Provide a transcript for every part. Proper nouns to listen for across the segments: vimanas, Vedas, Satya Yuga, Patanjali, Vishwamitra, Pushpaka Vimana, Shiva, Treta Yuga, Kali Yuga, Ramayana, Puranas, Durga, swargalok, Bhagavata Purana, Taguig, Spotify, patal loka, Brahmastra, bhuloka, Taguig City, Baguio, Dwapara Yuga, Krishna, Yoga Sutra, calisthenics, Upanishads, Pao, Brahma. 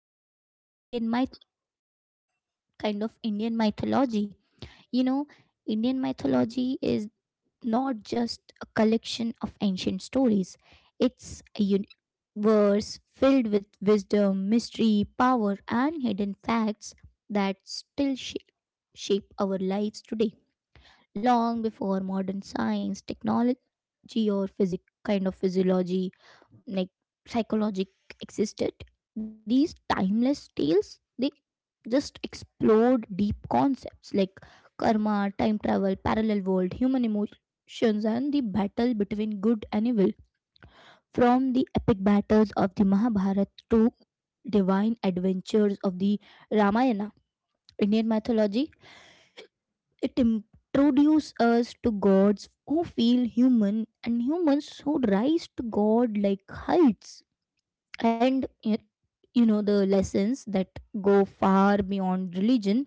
talk about the Indian myth, kind of Indian mythology. You know, Indian mythology is not just a collection of ancient stories. It's a universe filled with wisdom, mystery, power, and hidden facts that still shape our lives today, long before modern science, technology, or physic kind of physiology, like psychology existed. These timeless tales, they just explored deep concepts like karma, time travel, parallel world, human emotions, and the battle between good and evil. From the epic battles of the Mahabharata to divine adventures of the Ramayana, Indian mythology, it introduces us to gods who feel human and humans who rise to god like heights. And y- you know, The lessons that go far beyond religion.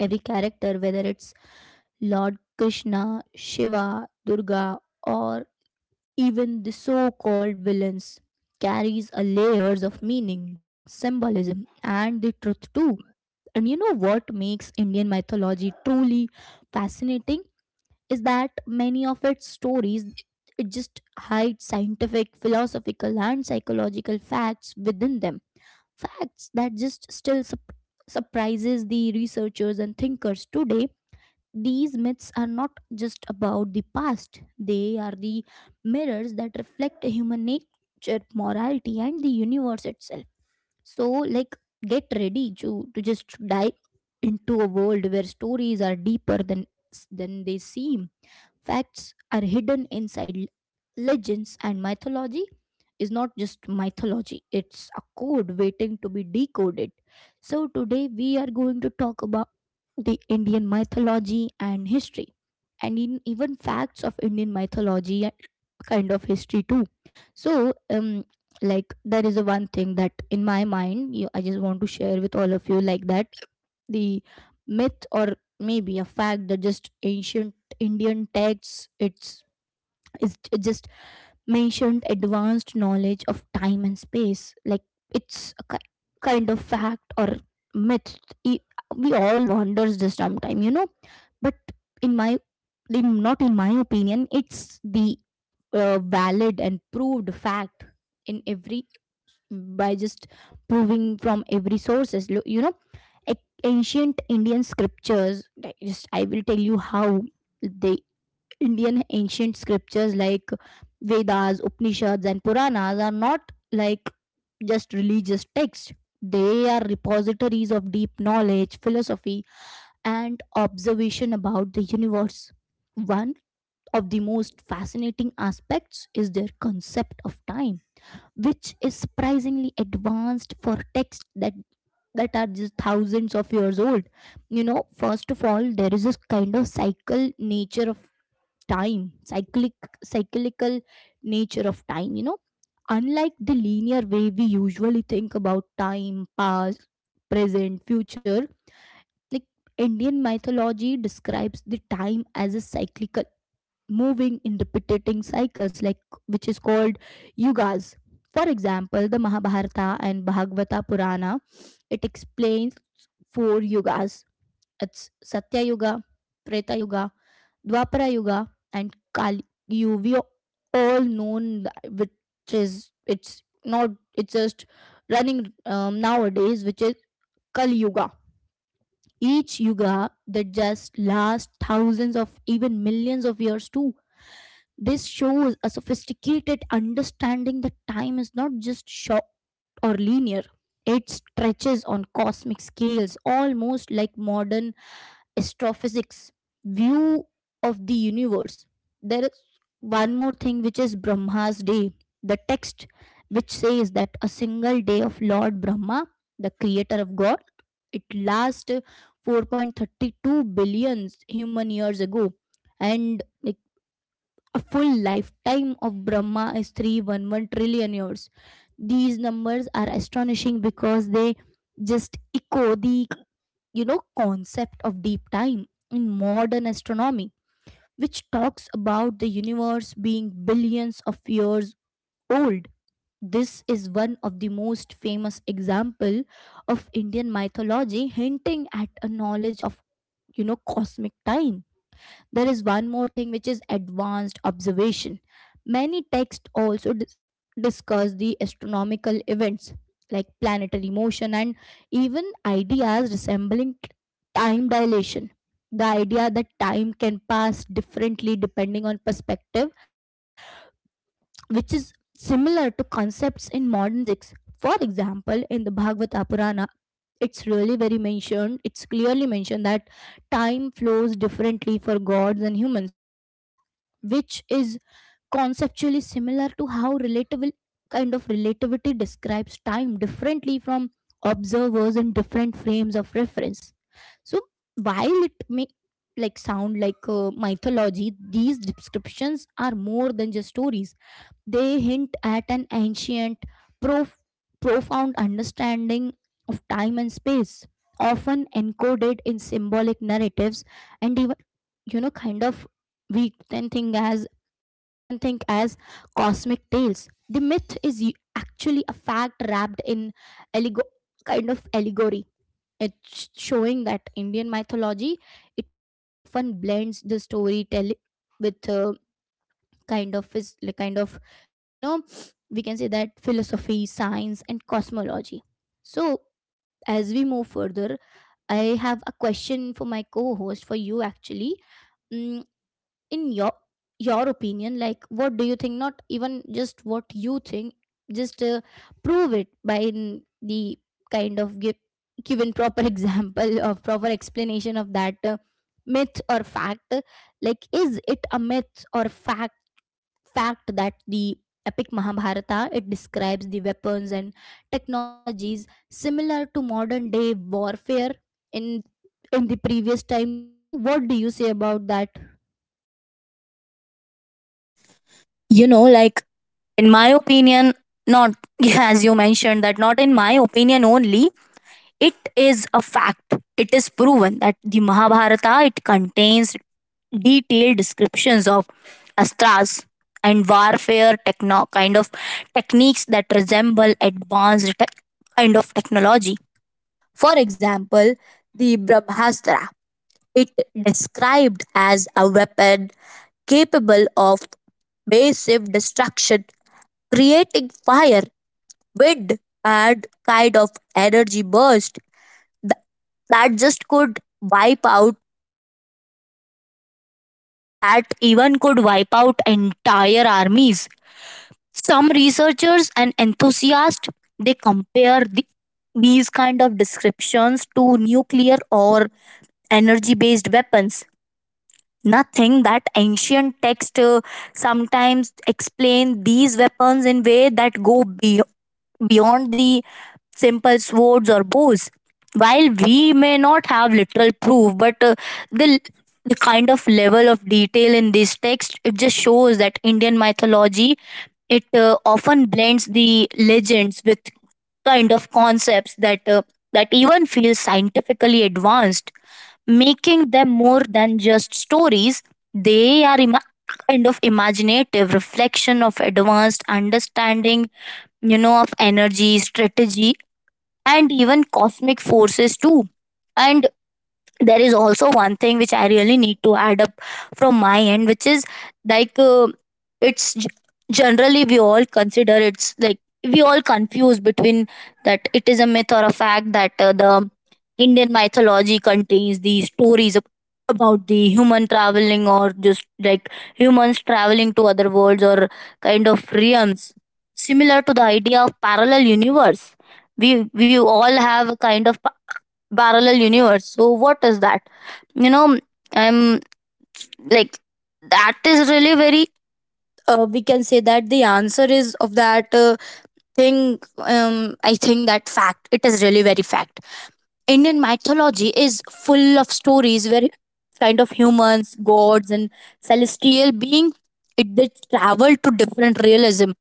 Every character, whether it's Lord Krishna, Shiva, Durga, or even the so called villains, carries a layers of meaning, symbolism, and the truth too. And you know what makes Indian mythology truly fascinating? Is that many of its stories, it just hides scientific, philosophical and psychological facts within them, facts that just still surprises the researchers and thinkers today. These myths are not just about the past, they are the mirrors that reflect human nature, morality and the universe itself. So like get ready to just dive into a world where stories are deeper than they seem, facts are hidden inside legends, and mythology is not just mythology, it's a code waiting to be decoded. So today we are going to talk about the Indian mythology and history, and in even facts of Indian mythology and kind of history too. So, there is a one thing that in my mind, you, I just want to share with all of you like that, the myth or maybe a fact that just ancient Indian texts, it's it just mentioned advanced knowledge of time and space, like it's a kind of fact or myth. E- we all wonders this sometime, you know, but in my, in, not in my opinion, it's the valid and proved fact, in every, by just proving from every sources. Ancient Indian scriptures. Just I will tell you how the Indian ancient scriptures like Vedas, Upanishads, and Puranas are not like just religious texts. They are repositories of deep knowledge, philosophy, and observation about the universe. One of the most fascinating aspects is their concept of time, which is surprisingly advanced for texts that are just thousands of years old. You know, first of all, there is this kind of cycle nature of time, cyclical nature of time, you know, unlike the linear way we usually think about time, past, present, future, like Indian mythology describes the time as a cyclical, moving in repeating cycles, like which is called yugas. For example, the Mahabharata and Bhagavata Purana, it explains four yugas. It's Satya Yuga, Treta Yuga, Dwapara Yuga, and Kali Yuga. We all known that, which is, it's not, it's just running nowadays, which is Kali Yuga. Each yuga that just lasts thousands of even millions of years too. This shows a sophisticated understanding that time is not just short or linear. It stretches on cosmic scales, almost like modern astrophysics view of the universe. There is one more thing, which is Brahma's day, the text which says that a single day of Lord Brahma, the creator of God, it last 4.32 billion human years ago, and like a full lifetime of Brahma is 311 trillion years. These numbers are astonishing because they just echo the, you know, concept of deep time in modern astronomy, which talks about the universe being billions of years old. This is one of the most famous example of Indian mythology hinting at a knowledge of, you know, cosmic time. There is one more thing which is advanced observation. Many texts also discuss the astronomical events like planetary motion and even ideas resembling time dilation. The idea that time can pass differently depending on perspective, which is similar to concepts in modern physics. For example, in the Bhagavata Purana, it's really very mentioned, it's clearly mentioned that time flows differently for gods and humans, which is conceptually similar to how relatable kind of relativity describes time differently from observers in different frames of reference. So while it may sound like mythology, these descriptions are more than just stories. They hint at an ancient, prof- profound understanding of time and space, often encoded in symbolic narratives, and even, you know, kind of, we can think as we can think as cosmic tales. The myth is actually a fact wrapped in allego- kind of allegory. It's showing that Indian mythology, it often blends the storytelling with kind of, is like kind of, you know, we can say that philosophy, science and cosmology. So as we move further, I have a question for my co-host, for you actually. mm, in your opinion, like what do you think, not even just what you think, just prove it by in the kind of give, given proper example or proper explanation of that myth or fact. Like is it a myth or fact that the epic Mahabharata, it describes the weapons and technologies similar to modern day warfare in the previous time too. What do you say about that? You know, in my opinion, not as you mentioned, that not in my opinion only, it is a fact. It is proven that the Mahabharata it contains detailed descriptions of astras and warfare techno- kind of techniques that resemble advanced technology. For example, the Brahmastra, it described as a weapon capable of massive destruction creating fire, wind, and energy burst th- that just could wipe out, that even could wipe out entire armies. Some researchers and enthusiasts they compare the, these kind of descriptions to nuclear or energy based weapons nothing that ancient text sometimes explain these weapons in way that beyond the simple swords or bows while we may not have literal proof but the the kind of level of detail in this text it just shows that Indian mythology it often blends the legends with kind of concepts that that even feel scientifically advanced making them more than just stories they are ima- kind of imaginative reflection of advanced understanding, you know, of energy strategy and even cosmic forces too. And there is also one thing which I really need to add up from my end, which is like, it's g- generally we all consider it's like we all confuse between that it is a myth or a fact that the Indian mythology contains these stories about the human traveling, or just like humans traveling to other worlds or kind of realms similar to the idea of parallel universe. We all have a kind of parallel universe, so what is that, you know? I'm like that is really very, we can say that the answer is of that thing. I think that fact, it is really very fact. Indian mythology is full of stories where kind of humans, gods, and celestial being, it did travel to different realism,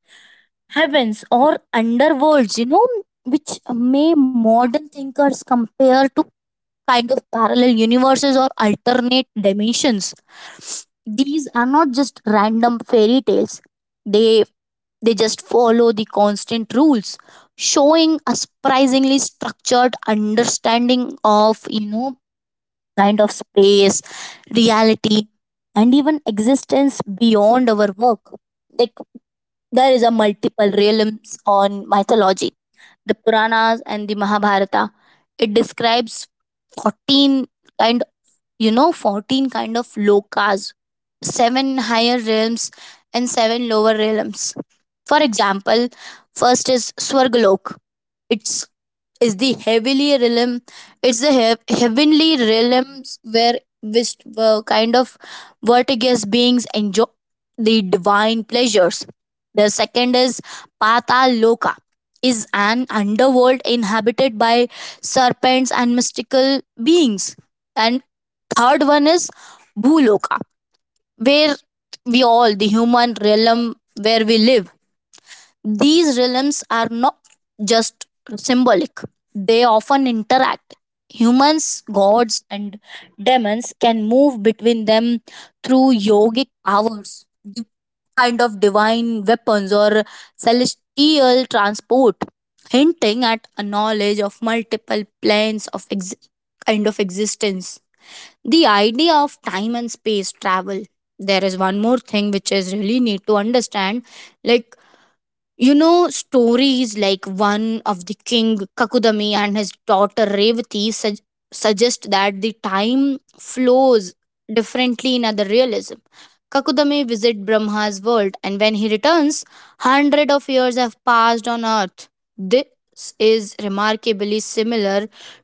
heavens, or underworlds, you know, which may modern thinkers compare to kind of parallel universes or alternate dimensions. These are not just random fairy tales. They they just follow the constant rules, showing a surprisingly structured understanding of, you know, kind of space, reality, and even existence beyond our work. Like, there is a multiple realms on mythology. The Puranas and the Mahabharata, it describes 14 kind you know 14 kind of lokas, 7 higher realms and 7 lower realms. For example, first is swargalok, it's is the heavenly realm. It's the heavenly realms where which, uh, kind of vertiginous beings enjoy the divine pleasures. The second is patal loka, is an underworld inhabited by serpents and mystical beings. And third one is bhuloka, where we all the human realm, where we live. These realms are not just symbolic, they often interact. Humans, gods, and demons can move between them through yogic powers, di- divine weapons, or celestial transport, hinting at a knowledge of multiple planes of existence. The idea of time and space travel, there is one more thing which is really need to understand. Like, you know, stories like one of the king Kakudami and his daughter Revati suggest that the time flows differently in other realism. Kakudami visit Brahma's world, and when he returns, hundred of years have passed on earth. This is remarkably similar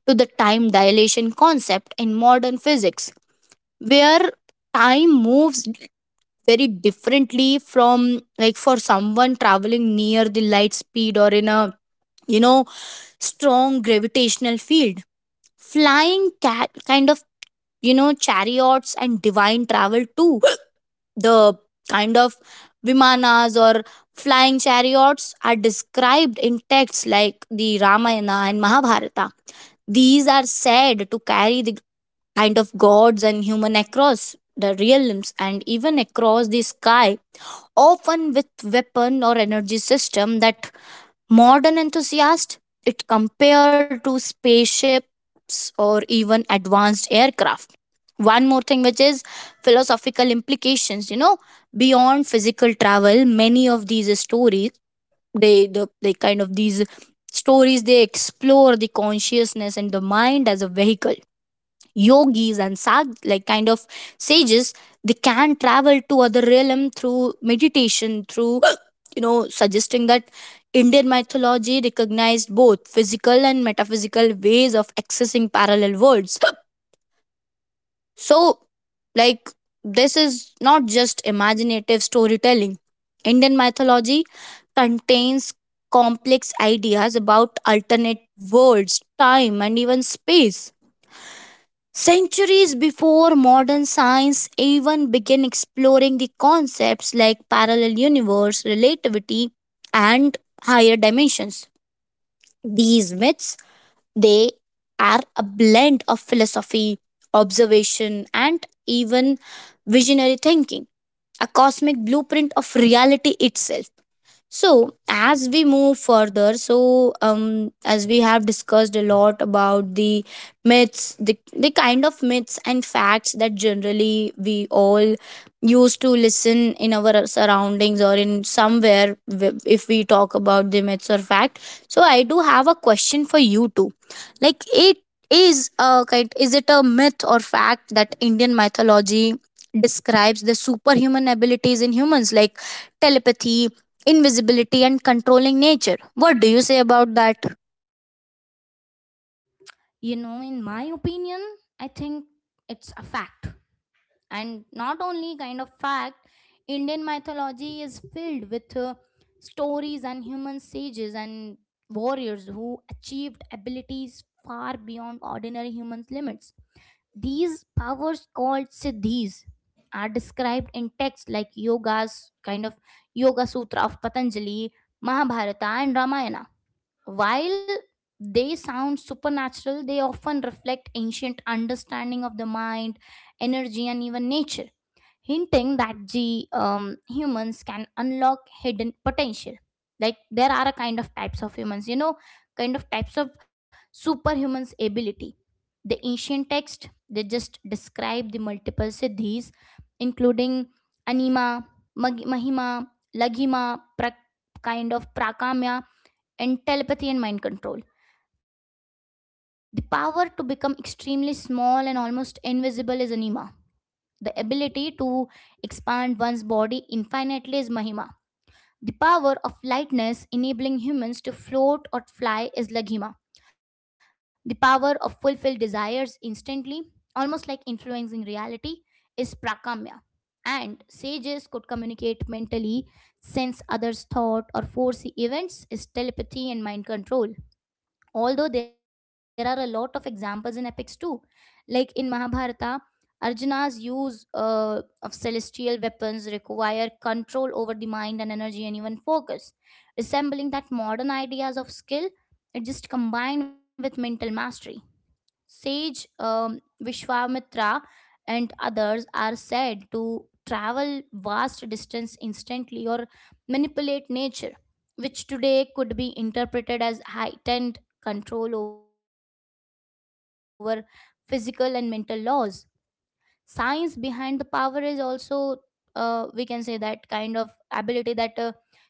to the time dilation concept in modern physics, where time moves very differently from, like, for someone traveling near the light speed or in a, you know, strong gravitational field. Flying cat kind of, you know, chariots and divine travel too. The kind of vimanas or flying chariots are described in texts like the Ramayana and Mahabharata. These are said to carry the kind of gods and human across the realms and even across the sky, often with weapon or energy system that modern enthusiasts it compared to spaceships or even advanced aircraft. One more thing which is philosophical implications, you know, beyond physical travel, many of these stories they the, they kind of these stories they explore the consciousness and the mind as a vehicle. Yogis and sages, they can travel to other realm through meditation through you know, suggesting that Indian mythology recognized both physical and metaphysical ways of accessing parallel worlds. So, like, this is not just imaginative storytelling. Indian mythology contains complex ideas about alternate worlds, time, and even space. Centuries before modern science even began exploring the concepts like parallel universe, relativity, and higher dimensions. These myths, they are a blend of philosophy, observation, and even visionary thinking, a cosmic blueprint of reality itself. So, as we move further, as we have discussed a lot about the myths, the myths and facts that generally we all used to listen in our surroundings or in somewhere if we talk about the myths or fact. So, I do have a question for you too. Like, it is a kind, is it a myth or fact that Indian mythology describes the superhuman abilities in humans, like telepathy, invisibility, and controlling nature? What do you say about that? You know, in my opinion, I think it's a fact. And not only kind of fact, Indian mythology is filled with stories and human sages and warriors who achieved abilities far beyond ordinary humans' limits. These powers called siddhis are described in texts like Yoga Sutra of Patanjali, Mahabharata, and Ramayana. While they sound supernatural, they often reflect ancient understanding of the mind, energy, and even nature, hinting that the humans can unlock hidden potential. Like there are a kind of types of humans, you know, kind of types of superhumans ability. The ancient text, they just describe the multiple siddhis, including anima, mahima, laghima, pra- kind of prakamya, and telepathy and mind control. The power to become extremely small and almost invisible is anima. The ability to expand one's body infinitely is Mahima. The power of lightness enabling humans to float or fly is Laghima. The power of fulfilled desires instantly, almost like influencing reality, is Prakamya. And sages could communicate mentally, sense others' thought, or foresee events is telepathy and mind control. Although there are a lot of examples in epics too, like in Mahabharata, Arjuna's use of celestial weapons require control over the mind and energy and even focus, resembling that modern ideas of skill, it just combined with mental mastery. Sage Vishwamitra and others are said to travel vast distance instantly or manipulate nature, which today could be interpreted as heightened control over physical and mental laws. Science behind the power is also, we can say, that kind of ability that human all had.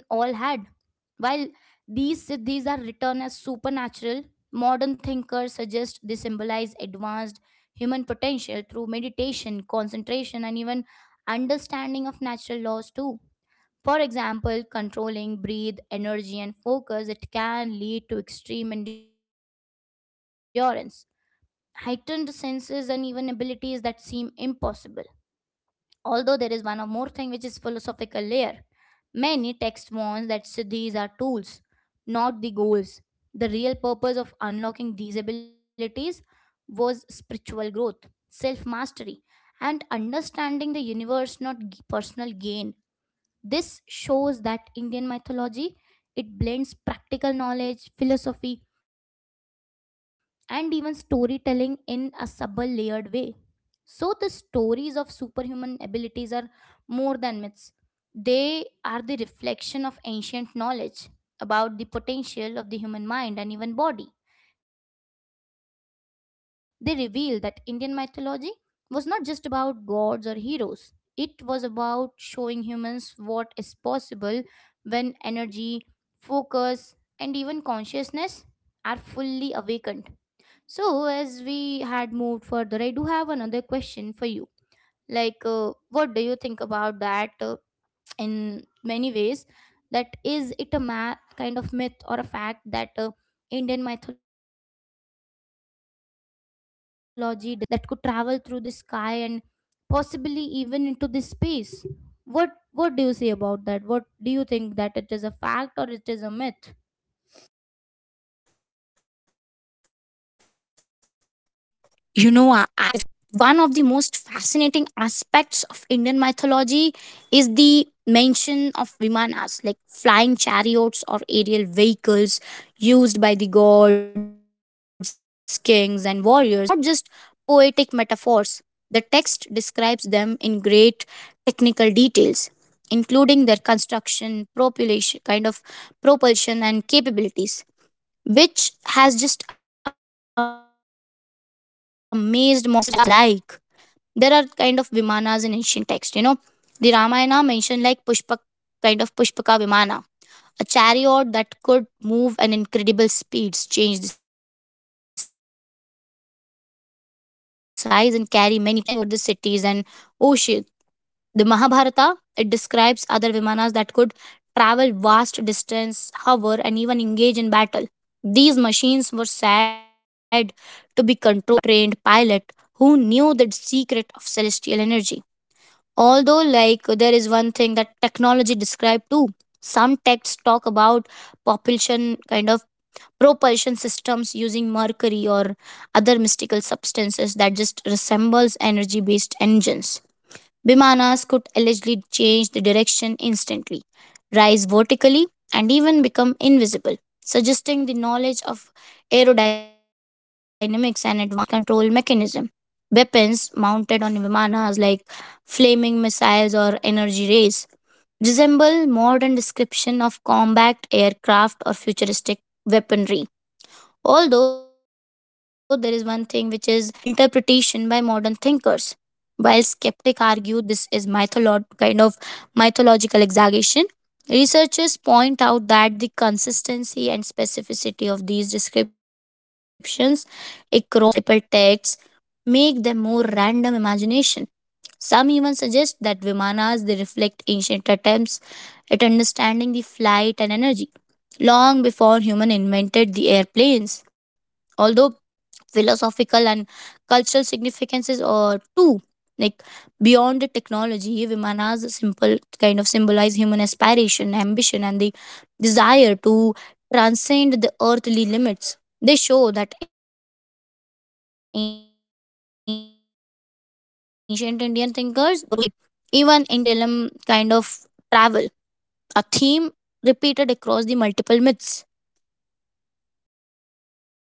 While these siddhis are written as supernatural, modern thinkers suggest they symbolize advanced human potential through meditation, concentration, and even understanding of natural laws too. For example, controlling breathe, energy, and focus, it can lead to extreme endurance, heightened senses, and even abilities that seem impossible. Although there is one or more thing which is philosophical layer. Many texts warns that siddhis are tools, not the goals. The real purpose of unlocking these abilities was spiritual growth, self mastery, and understanding the universe, not personal gain. This shows that Indian mythology, it blends practical knowledge, philosophy, and even storytelling in a subtle layered way. So the stories of superhuman abilities are more than myths. They are the reflection of ancient knowledge about the potential of the human mind and even body. They reveal that Indian mythology was not just about gods or heroes, it was about showing humans what is possible when energy, focus, and even consciousness are fully awakened. So, as we had moved further, I do have another question for you. Like, what do you think about that in many ways? That is it a kind of myth or a fact that Indian mythology describes ancient flying machines called vimanas that, could travel through the sky and possibly even into the space? What do you say about that? What do you think that it is a fact or it is a myth? You know, I think that it is a fact. One of the most fascinating aspects of Indian mythology is the mention of vimanas, like flying chariots or aerial vehicles used by the gods, kings, and warriors. These are not just poetic metaphors, the text describes them in great technical details, including their construction, propulsion, kind of propulsion, and capabilities, which has just amazed modern researchers and enthusiasts alike. There are kind of Vimanas in ancient text, you know. The Ramayana mentioned like Pushpaka Vimana, a chariot that could move at incredible speeds, change the size, and carry many passengers, even like flying over the cities and ocean. The Mahabharata it describes other Vimanas that could travel vast distance, hover, and even engage in battle. These machines were said to be controlled by trained pilot who knew the secret of celestial energy. Although, like, there is one thing that technology described too. Some texts talk about propulsion kind of propulsion systems using mercury or other mystical substances that just resembles energy based engines. Bimanas could allegedly change the direction instantly, rise vertically, and even become invisible, suggesting the knowledge of aerodynamics and advanced control mechanism. Weapons mounted on Vimanas like flaming missiles or energy rays resemble modern description of combat aircraft or futuristic weaponry. Although there is one thing which is interpretation by modern thinkers. While skeptics argue this is mythological exaggeration, researchers point out that the consistency and specificity of these descriptions across multiple texts make them more random imagination. Some even suggest that Vimanas they reflect ancient attempts at understanding the flight and energy long before human invented the airplanes. Although, philosophical and cultural significances or too, like, beyond the technology vimanas simple kind of symbolize human aspiration, ambition, and the desire to transcend the earthly limits. They show that ancient Indian thinkers were curious about skis, spaces, and even interrealm kind of travel, a theme repeated across the multiple myths.